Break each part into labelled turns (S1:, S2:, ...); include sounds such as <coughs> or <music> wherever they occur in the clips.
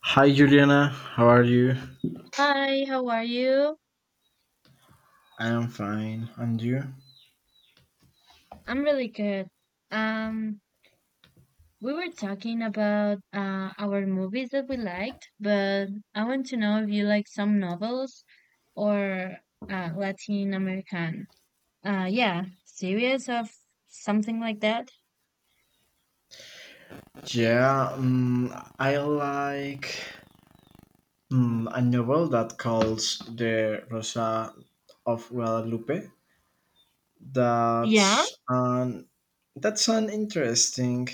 S1: Hi Juliana, how are you?
S2: Hi, how are you?
S1: I am fine, and you?
S2: I'm really good. Um, we were talking about our movies that we liked, but I want to know if you like some novels or Latin American. Yeah, series of something like that.
S1: Yeah, mm, I like a novel that calls the Rosa of Guadalupe.
S2: Yeah,
S1: That's an that's an interesting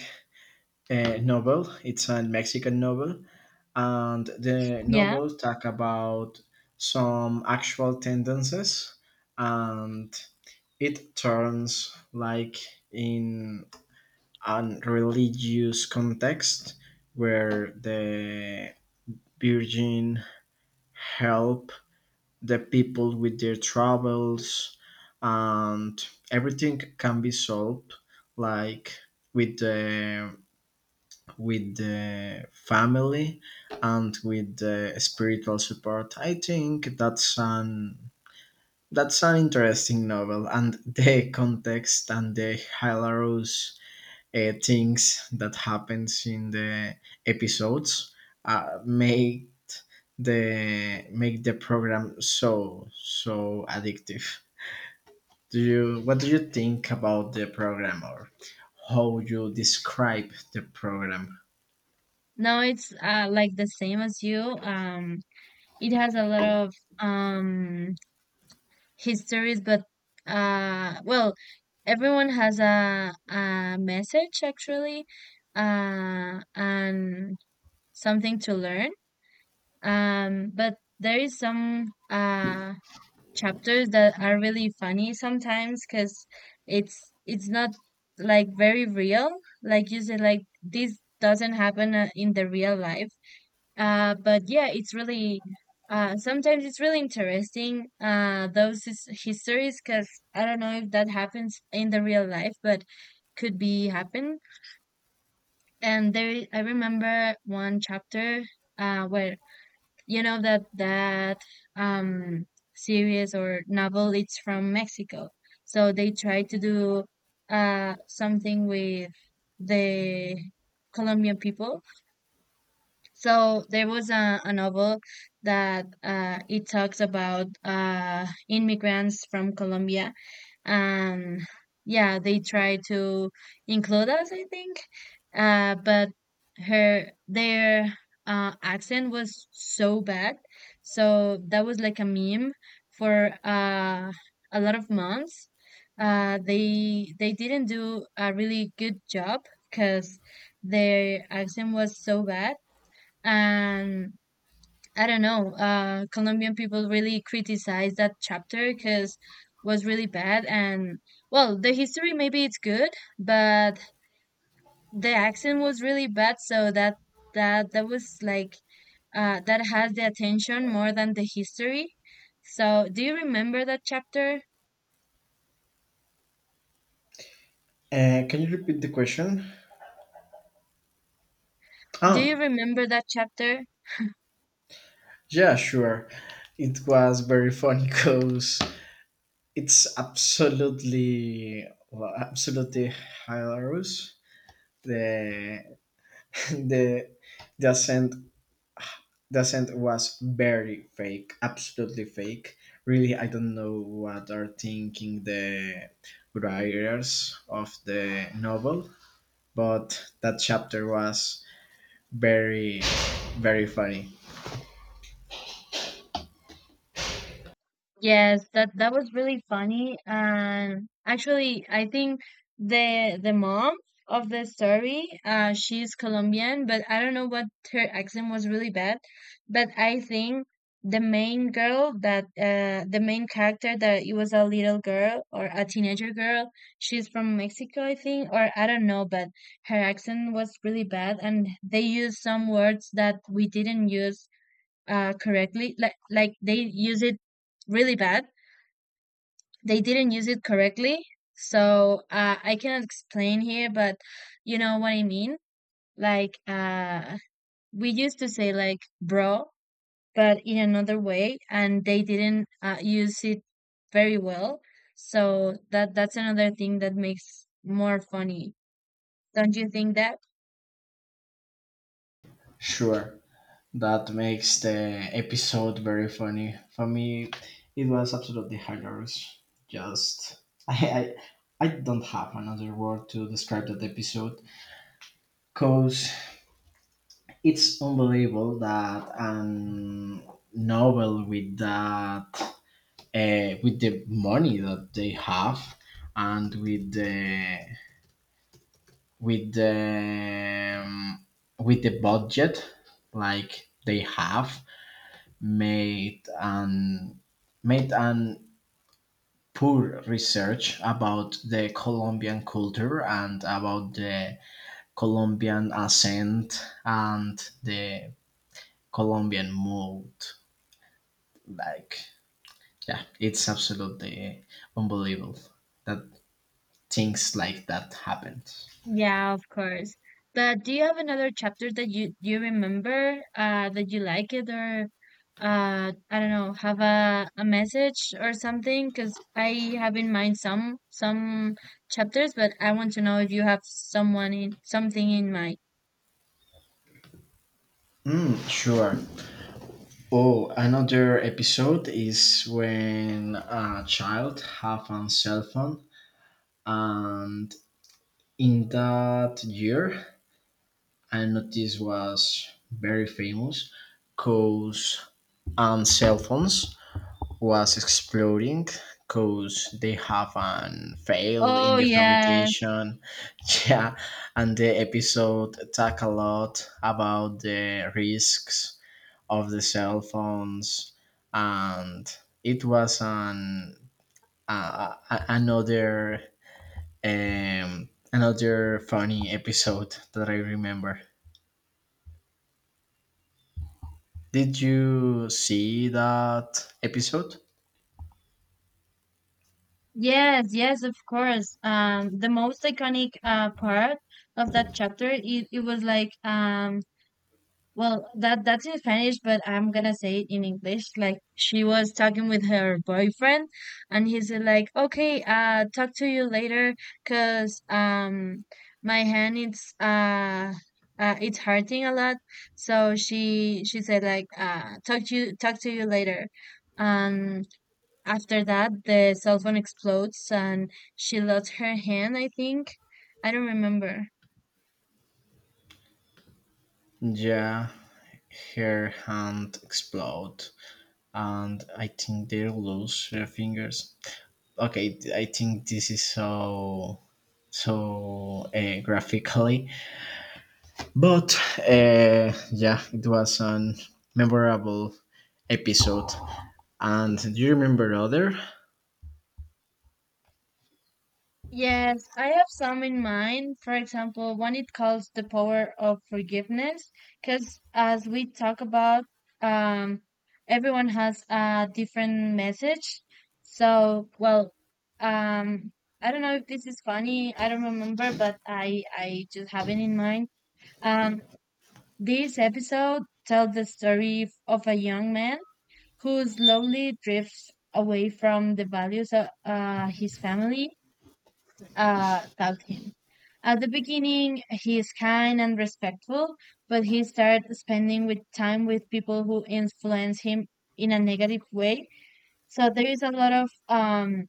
S1: novel. It's a Mexican novel, and the
S2: yeah.
S1: novel talk about some actual tendencies, and it turns like in and religious context where the Virgin help the people with their troubles, and everything can be solved like with the family and with the spiritual support. I think that's an interesting novel, and the context and the hilarious things that happens in the episodes make the program so addictive. Do you What do you think about the program, or how you describe the program?
S2: No, it's like the same as you. It has a lot of histories, but well, everyone has a message actually, and something to learn. But there is some chapters that are really funny sometimes because it's it's not like very real. Like you said, like this doesn't happen, in the real life, but yeah, it's really sometimes it's really interesting, those histories because I don't know if that happens in the real life, but could be happen. And there, I remember one chapter, where you know that um, series or novel it's from Mexico, so they try to do, something with the Colombian people. So there was a novel that it talks about, immigrants from Colombia, and yeah, they try to include us, I think, but her their accent was so bad, so that was like a meme for, a lot of months. They didn't do a really good job because their accent was so bad and I don't know. Colombian people really criticized that chapter because was really bad. And well, the history maybe it's good, but the accent was really bad. So that that that was like that has the attention more than the history. So do you remember that chapter?
S1: Can you repeat the question?
S2: Do you
S1: Oh,
S2: remember that chapter?
S1: yeah, sure. It was very funny because it's absolutely, well, absolutely hilarious. The <coughs> the the accent, the accent was very fake, absolutely fake. Really, I don't know what are thinking the writers of the novel, but that chapter was very very funny.
S2: Yes, that was really funny. And actually, I think the mom of the story, she's Colombian, but I don't know what, her accent was really bad. But I think the main character that it was a little girl or a teenager girl, she's from Mexico, I think, or I don't know, but her accent was really bad, and they used some words that we didn't use, correctly. Like they use it really bad. They didn't use it correctly. So I cannot explain here, but you know what I mean. Like, we used to say like bro, but in another way, and they didn't, use it very well. So that's another thing that makes more funny. Don't you think that?
S1: Sure, that makes the episode very funny for me. It was absolutely hilarious. Just <laughs> i i, I don't have another word to describe that episode because it's unbelievable that novel with that, with the money that they have and with the with the with the budget like they have made an made an poor research about the Colombian culture and about the Colombian accent and the Colombian mood. Like, yeah, it's absolutely unbelievable that things like that happened.
S2: Yeah, of course. But do you have another chapter that you remember, that you like it, or I don't know, have a message or something? Because I have in mind some chapters, but I want to know if you have someone in something in mind.
S1: Mm, sure. Oh, another episode is when a child have a cell phone, and in that year, I noticed was very famous, cause on cell phones was exploding because they have an fail
S2: Oh
S1: in the
S2: yes,
S1: fabrication. <laughs> Yeah, and the episode talk a lot about the risks of the cell phones, and it was an another another funny episode that I remember. Did you see that episode?
S2: yes, yes, of course. The most iconic part of that chapter, it was like, well, that's in Spanish, but I'm gonna say it in English. Like she was talking with her boyfriend, and he's like, "Okay, talk to you later, cause, my hand it's, it's hurting a lot." So she said like, Talk to you, later." Um, after that, the cell phone explodes, and she lost her hand. I think. I don't remember.
S1: Yeah, her hand explode, and I think they lose their fingers. Okay, I think this is so graphically, but yeah, it was an memorable episode. And do you remember other?
S2: Yes, I have some in mind. For example, one it calls the power of forgiveness, because as we talk about, um, everyone has a different message. So, well, um, I don't know if this is funny. I don't remember, but I just have it in mind. Um, this episode tells the story of a young man who slowly drifts away from the values of, his family taught him. At the beginning, he is kind and respectful, but he started spending with time with people who influence him in a negative way. So there is a lot of,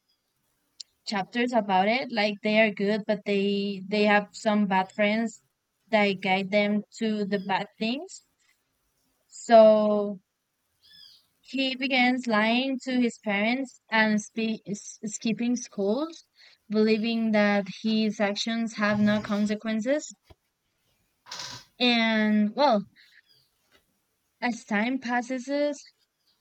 S2: chapters about it. Like they are good, but they have some bad friends that guide them to the bad things. So he begins lying to his parents and skipping schools, believing that his actions have no consequences. And well, as time passes,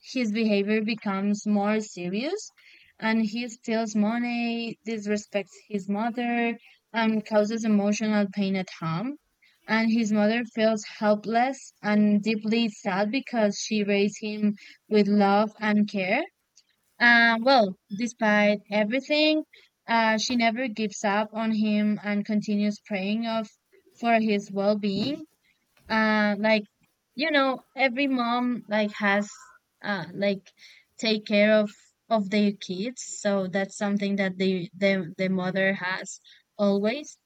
S2: his behavior becomes more serious, and he steals money, disrespects his mother, and causes emotional pain at home. And his mother feels helpless and deeply sad because she raised him with love and care. Well, despite everything, she never gives up on him and continues praying of for his well-being, like you know every mom like has, like take care of their kids, so that's something that the mother has always.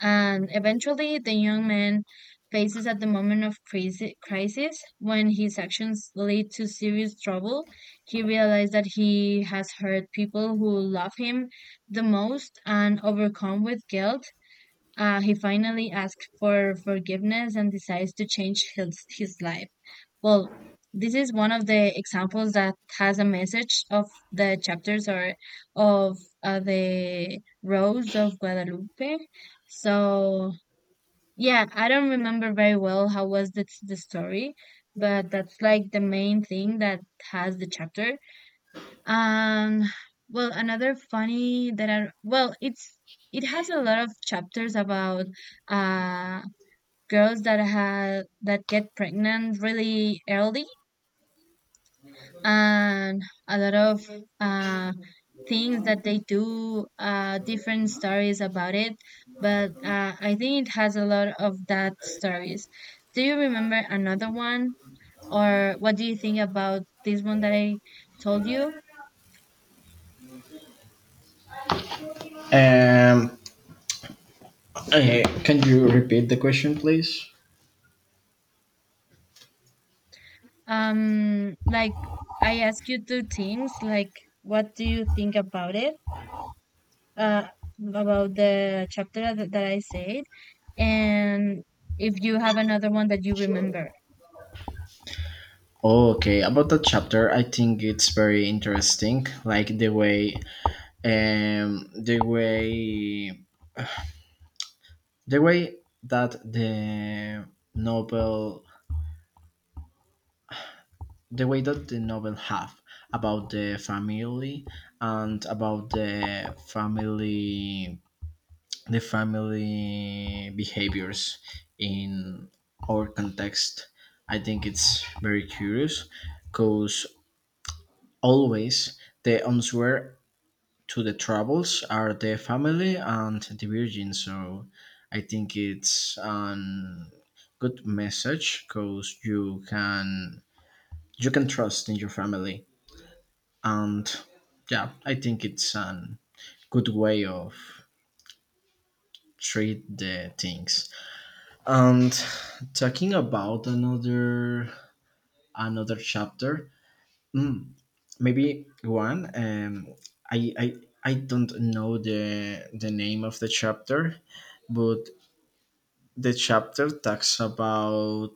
S2: And eventually the young man faces at the moment of crisis when his actions lead to serious trouble. He realized that he has hurt people who love him the most, and overcome with guilt, he finally asks for forgiveness and decides to change his life. Well, this is one of the examples that has a message of the chapters, or of, the Rose of Guadalupe. So, yeah, I don't remember very well how was the story, but that's like the main thing that has the chapter. Um, well, another funny that I, well, it has a lot of chapters about, uh girls that get pregnant really early, and a lot of, uh things that they do, different stories about it. But I think it has a lot of that stories. Do you remember another one, or what do you think about this one that I told you?
S1: Um, Okay, can you repeat the question, please?
S2: Like I ask you two teams, like what do you think about it? Uh, about the chapter that I said, and if you have another one that you remember.
S1: Okay, about that chapter, I think it's very interesting. Like the way, um, the way the way that novel the way that the novel have about the family and about the family behaviors in our context, I think it's very curious because always the answer to the troubles are the family and the Virgin. So I think it's an good message because you can trust in your family, and yeah, I think it's a good way of treat the things. And talking about another chapter, mm, maybe one, i i I don't know the name of the chapter, but the chapter talks about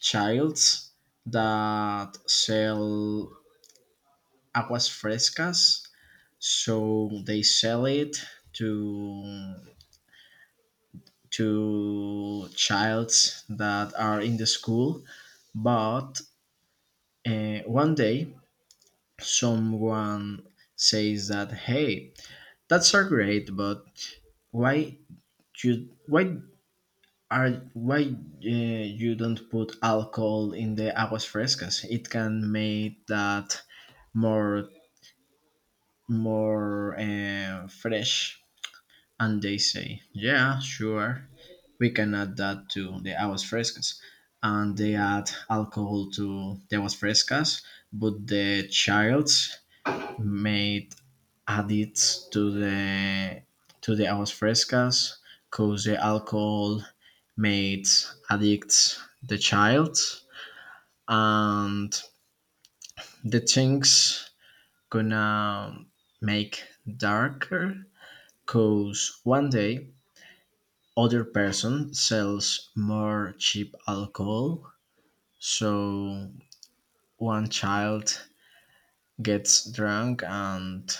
S1: childs that sell aguas frescas. So they sell it to to childs that are in the school. But one day, someone says that, "Hey, that's are great, but why you why why you don't put alcohol in the aguas frescas? It can make that more more fresh." And they say, yeah, sure, we can add that to the aguas frescas. And they add alcohol to the aguas frescas, but the child's made addits to the aguas frescas cause the alcohol made addicts the child, and the things gonna make darker cause one day other person sells more cheap alcohol. So one child gets drunk and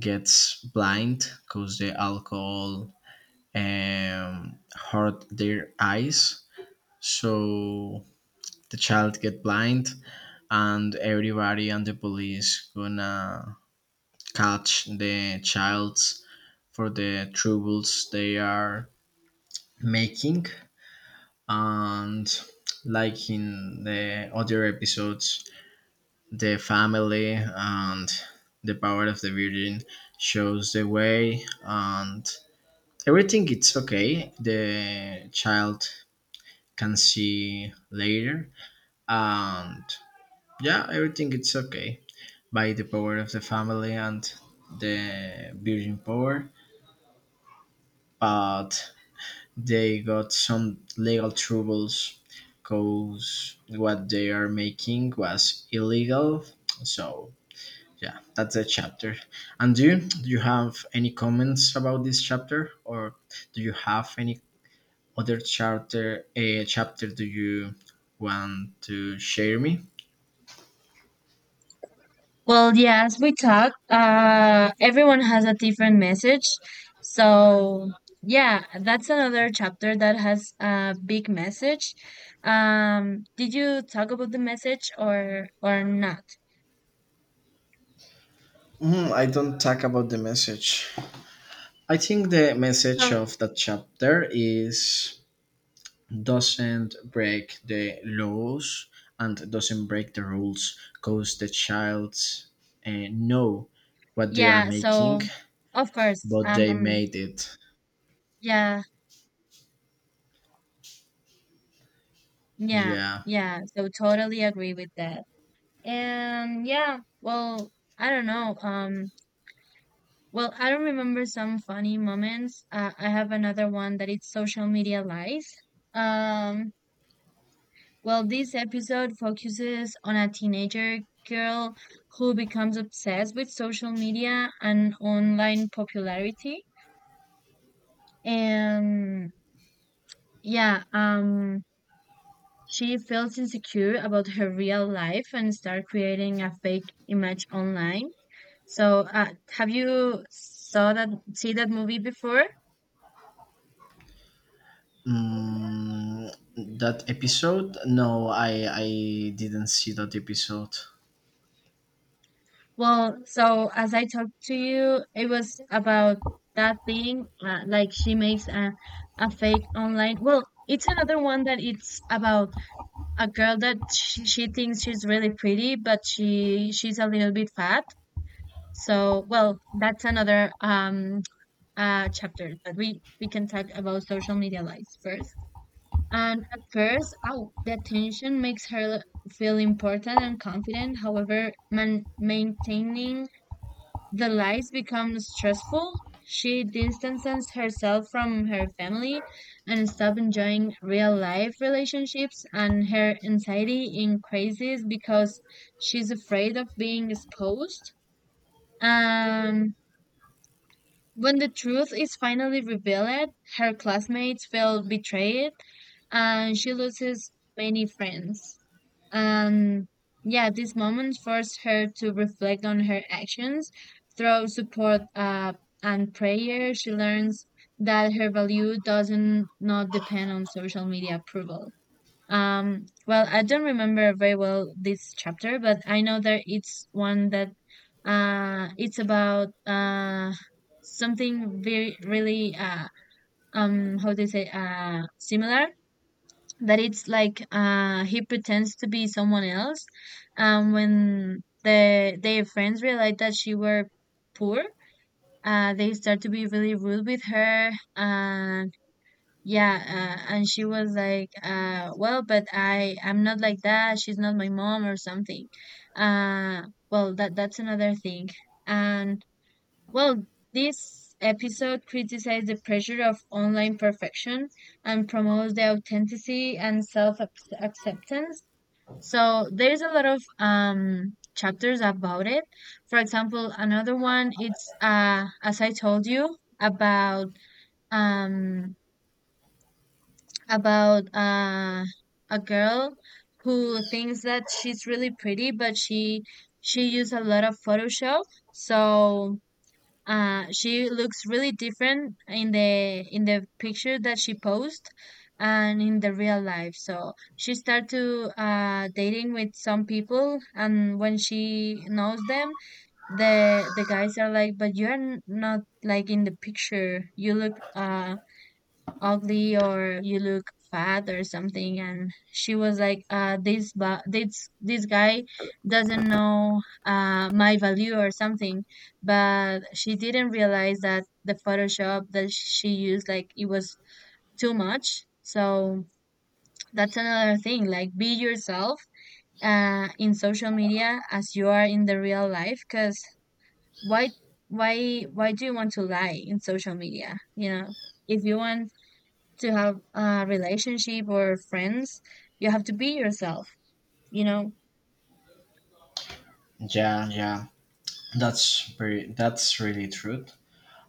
S1: gets blind because the alcohol hurt their eyes. So the child get blind, and everybody and the police gonna catch the childs for the troubles they are making. And like in the other episodes, the family and the power of the Virgin shows the way, and everything it's okay, the child can see later, and yeah, everything it's okay by the power of the family and the Virgin power. But they got some legal troubles because what they are making was illegal. So yeah, that's the chapter. And do you have any comments about this chapter, or do you have any other chapter? A chapter? Do you want to share me?
S2: Well, yeah, as we talk, everyone has a different message. So yeah, that's another chapter that has a big message. Did you talk about the message, or not?
S1: Mhm, I don't talk about the message. I think the message
S2: So
S1: of that chapter is doesn't break the laws and doesn't break the rules because the child know what they are
S2: yeah,
S1: making,
S2: so of course,
S1: but they made it.
S2: yeah, yeah,
S1: Yeah.
S2: yeah. So totally agree with that. And yeah, well, I don't know. Well, I don't remember some funny moments. I have another one that it's social media lies. Um, well, this episode focuses on a teenager girl who becomes obsessed with social media and online popularity. And yeah, she feels insecure about her real life and start creating a fake image online. So, have you saw that see that movie before?
S1: Mm, that episode no, I didn't see that episode.
S2: Well, so as I talked to you, it was about that thing. Like she makes a fake online. Well, it's another one that it's about a girl that she thinks she's really pretty, but she's a little bit fat. So, well, that's another chapter, but we can talk about social media lives first. And at first, oh, the attention makes her feel important and confident. However, maintaining the lies becomes stressful. She distances herself from her family and stops enjoying real life relationships, and her anxiety increases because she's afraid of being exposed. Um, When the truth is finally revealed, her classmates feel betrayed and she loses many friends. And yeah, this moment forced her to reflect on her actions. Through support, and prayer, she learns that her value doesn't not depend on social media approval. Well, I don't remember very well this chapter, but I know that it's one that, it's about, something very, really, how do you say, similar. That it's like, he pretends to be someone else, when their friends realize that she were poor, they start to be really rude with her, yeah, and she was like, well, but I'm not like that, she's not my mom or something. uh well, that's another thing. And well, this episode criticizes the pressure of online perfection and promotes the authenticity and self acceptance. So there's a lot of chapters about it. For example, another one it's, as I told you about, um about, a girl who thinks that she's really pretty, but she used a lot of Photoshop, so she looks really different in the picture that she posts and in the real life. So she started to, dating with some people, and when she knows them, the guys are like, "But you're not like in the picture. You look, ugly, or you look fat, or something." And she was like, this this guy doesn't know, my value or something. But she didn't realize that the Photoshop that she used like it was too much. So that's another thing, like be yourself in social media as you are in the real life, cuz why why do you want to lie in social media, you know? If you want to have a relationship or friends, you have to be yourself, you know?
S1: Yeah, that's very that's really true.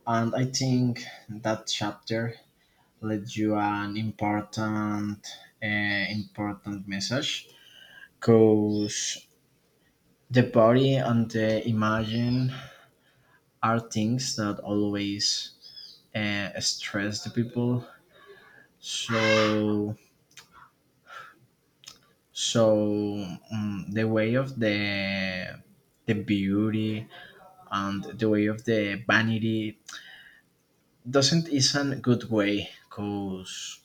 S1: And I think that chapter led you an important message because the body and the imagine are things that always stress the people. So so the way of the beauty and the way of the vanity doesn't isn't a good way because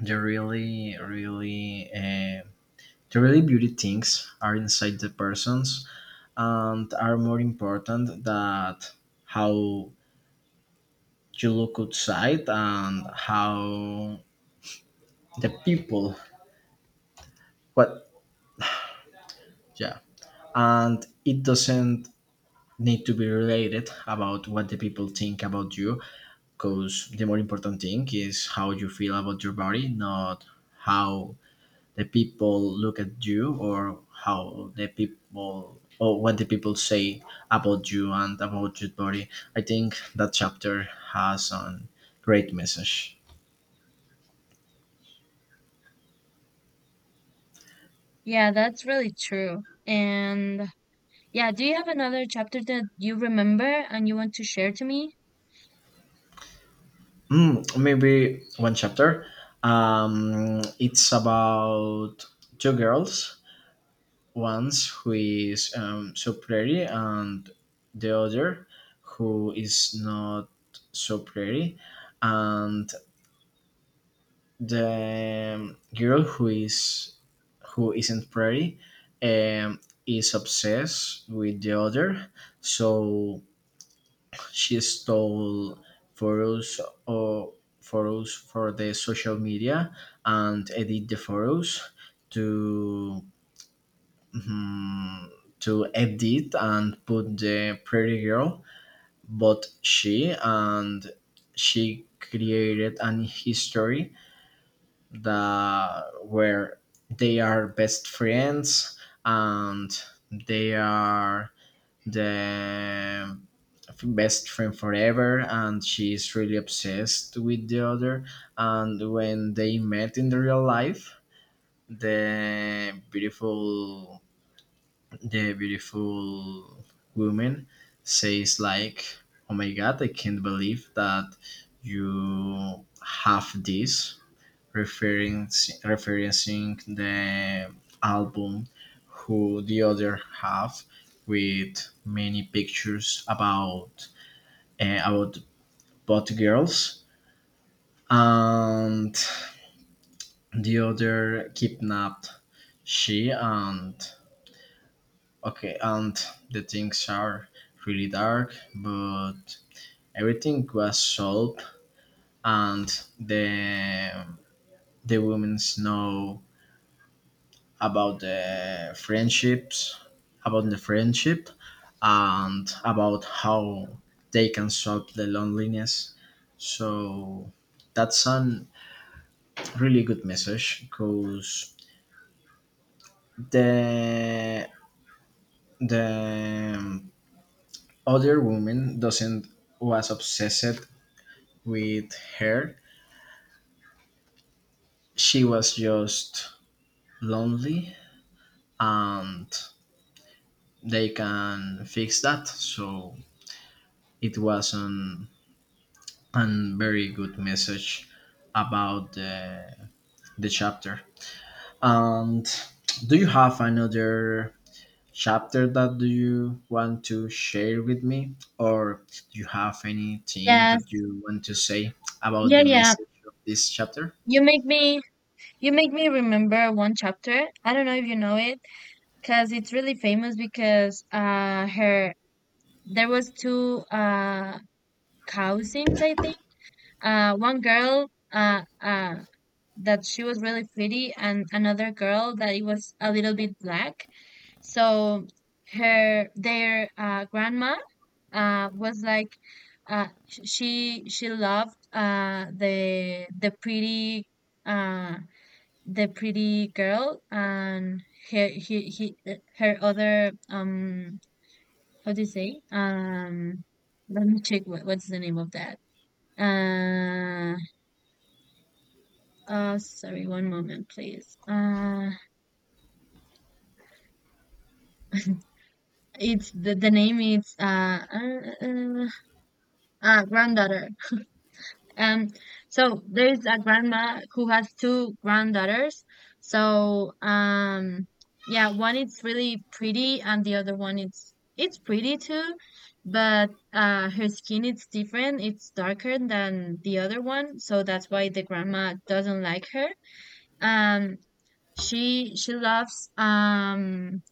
S1: the really really the really beauty things are inside the persons and are more important that how you look outside and how the people, what, yeah. And it doesn't need to be related about what the people think about you because the more important thing is how you feel about your body, not how the people look at you or how the people or what the people say about you and about your body. I think that chapter has a great message.
S2: Yeah, that's really true. And yeah, do you have another chapter that you remember and you want to share to me?
S1: Mm, maybe one chapter. It's about two girls, one's who is so pretty, and the other who is not so pretty, and the girl who isn't pretty, um, is obsessed with the other. So she stole photos, or photos for the social media, and edit the photos to, mm, to edit and put the pretty girl. But she, and she created an history that where they are best friends, and they are the best friend forever, and she's really obsessed with the other. And when they met in the real life, the beautiful the beautiful woman says like, "Oh my god, I can't believe that you have this," referring, referencing the album who the other have with many pictures about both girls. And the other kidnapped she, and okay, and the things are really dark, but everything was solved, and the women know about the friendships about the friendship and about how they can solve the loneliness. So that's a really good message because the the other woman doesn't was obsessed with her, she was just lonely, and they can fix that. So it was an very good message about the chapter. And do you have another chapter that do you want to share with me, or do you have anything that
S2: Yes.
S1: you want to say about
S2: Yeah,
S1: the
S2: yeah.
S1: message of this chapter?
S2: You make me you make me remember one chapter. I don't know if you know it because it's really famous because her there was two cow scenes, I think. One girl that she was really pretty and another girl that it was a little bit black. So her their grandma was like she loved the pretty uh, the pretty girl and her he her other how do you say let me check what's the name of that uh sorry, one moment please. <laughs> It's the name is uh, uh, granddaughter. Um, so there is a grandma who has two granddaughters. So yeah, one is really pretty, and the other one it's pretty too, but her skin is different. It's darker than the other one, so that's why the grandma doesn't like her. Um, she loves um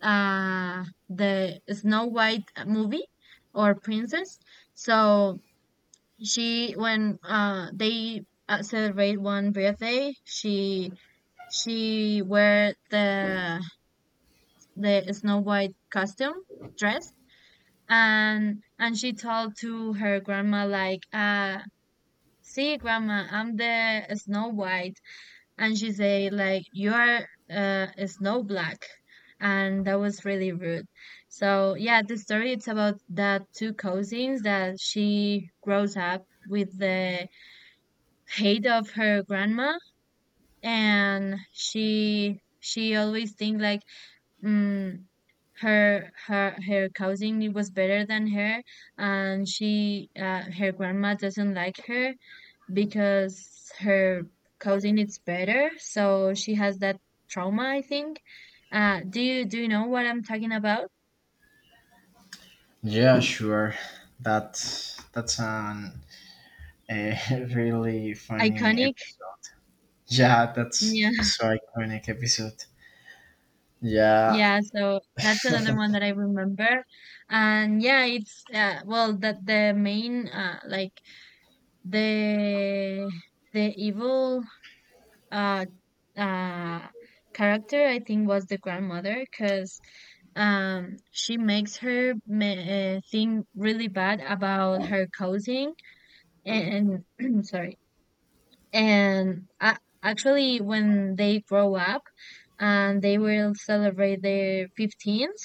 S2: uh the Snow White movie or princess. So she when they celebrate one birthday, she wear the Snow White costume dress, and she told to her grandma like see grandma, I'm the Snow White, and she say like you're snow black, and that was really rude. So yeah, the story it's about that two cousins that she grows up with the hate of her grandma, and she always think like mm, her cousin was better than her and she her grandma doesn't like her because her cousin is better, so she has that trauma, I think. Do you know what I'm talking about?
S1: Yeah, sure. That that's an a <laughs> really funny
S2: Iconic. <laughs>
S1: episode. Yeah, that's
S2: Yeah.
S1: so iconic episode. Yeah,
S2: Yeah, so that's another one that I remember. And yeah, it's well that the main like the evil uh uh character, I think, was the grandmother because she makes her think really bad about her cousin and <clears throat> sorry. And a Actually, when they grow up and they will celebrate their 15th,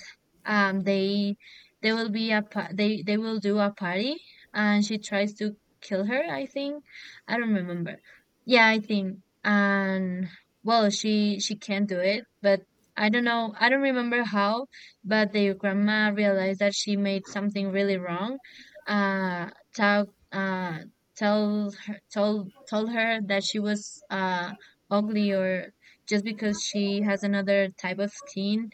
S2: um, they they will be a they will do a party, and she tries to kill her. I think. I don't remember. Yeah, I think. And well, she can't do it, but I don't know. I don't remember how, but their grandma realized that she made something really wrong. Uh, talk. Tell told told her that she was ugly, or just because she has another type of skin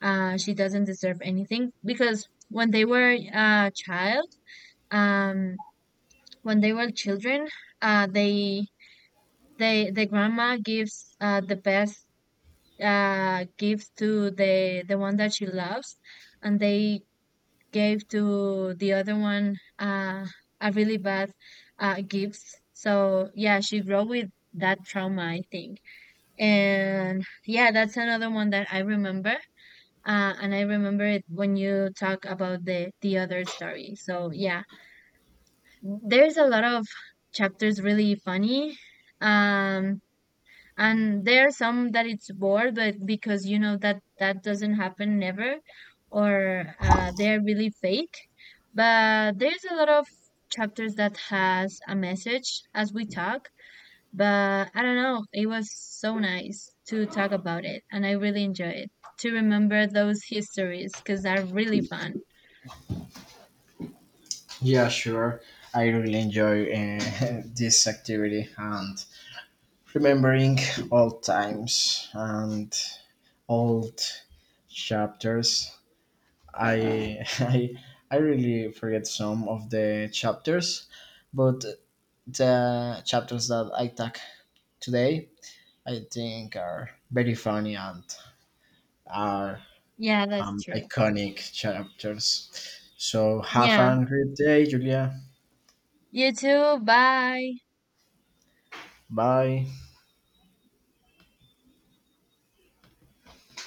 S2: she doesn't deserve anything. Because um when they were children uh they they the grandma gives the best gifts to the one that she loves, and they gave to the other one a really bad gifts. So yeah, she grew with that trauma, I think. And yeah, that's another one that I remember. And I remember it when you talk about the other story. So yeah, there's a lot of chapters really funny. Um, and there are some that it's bored, but because you know that that doesn't happen never, or they're really fake. But there's a lot of chapters that has a message as we talk. But I don't know, it was so nice to talk about it, and I really enjoy it to remember those histories because they're really fun.
S1: yeah, sure. I really enjoy <laughs> this activity and remembering old times and old chapters. I <laughs> I really forget some of the chapters, but the chapters that I talk today, I think are very funny and are
S2: Yeah, that's true.
S1: iconic chapters. So have
S2: Yeah,
S1: a great day, Julia.
S2: you too, bye.
S1: Bye.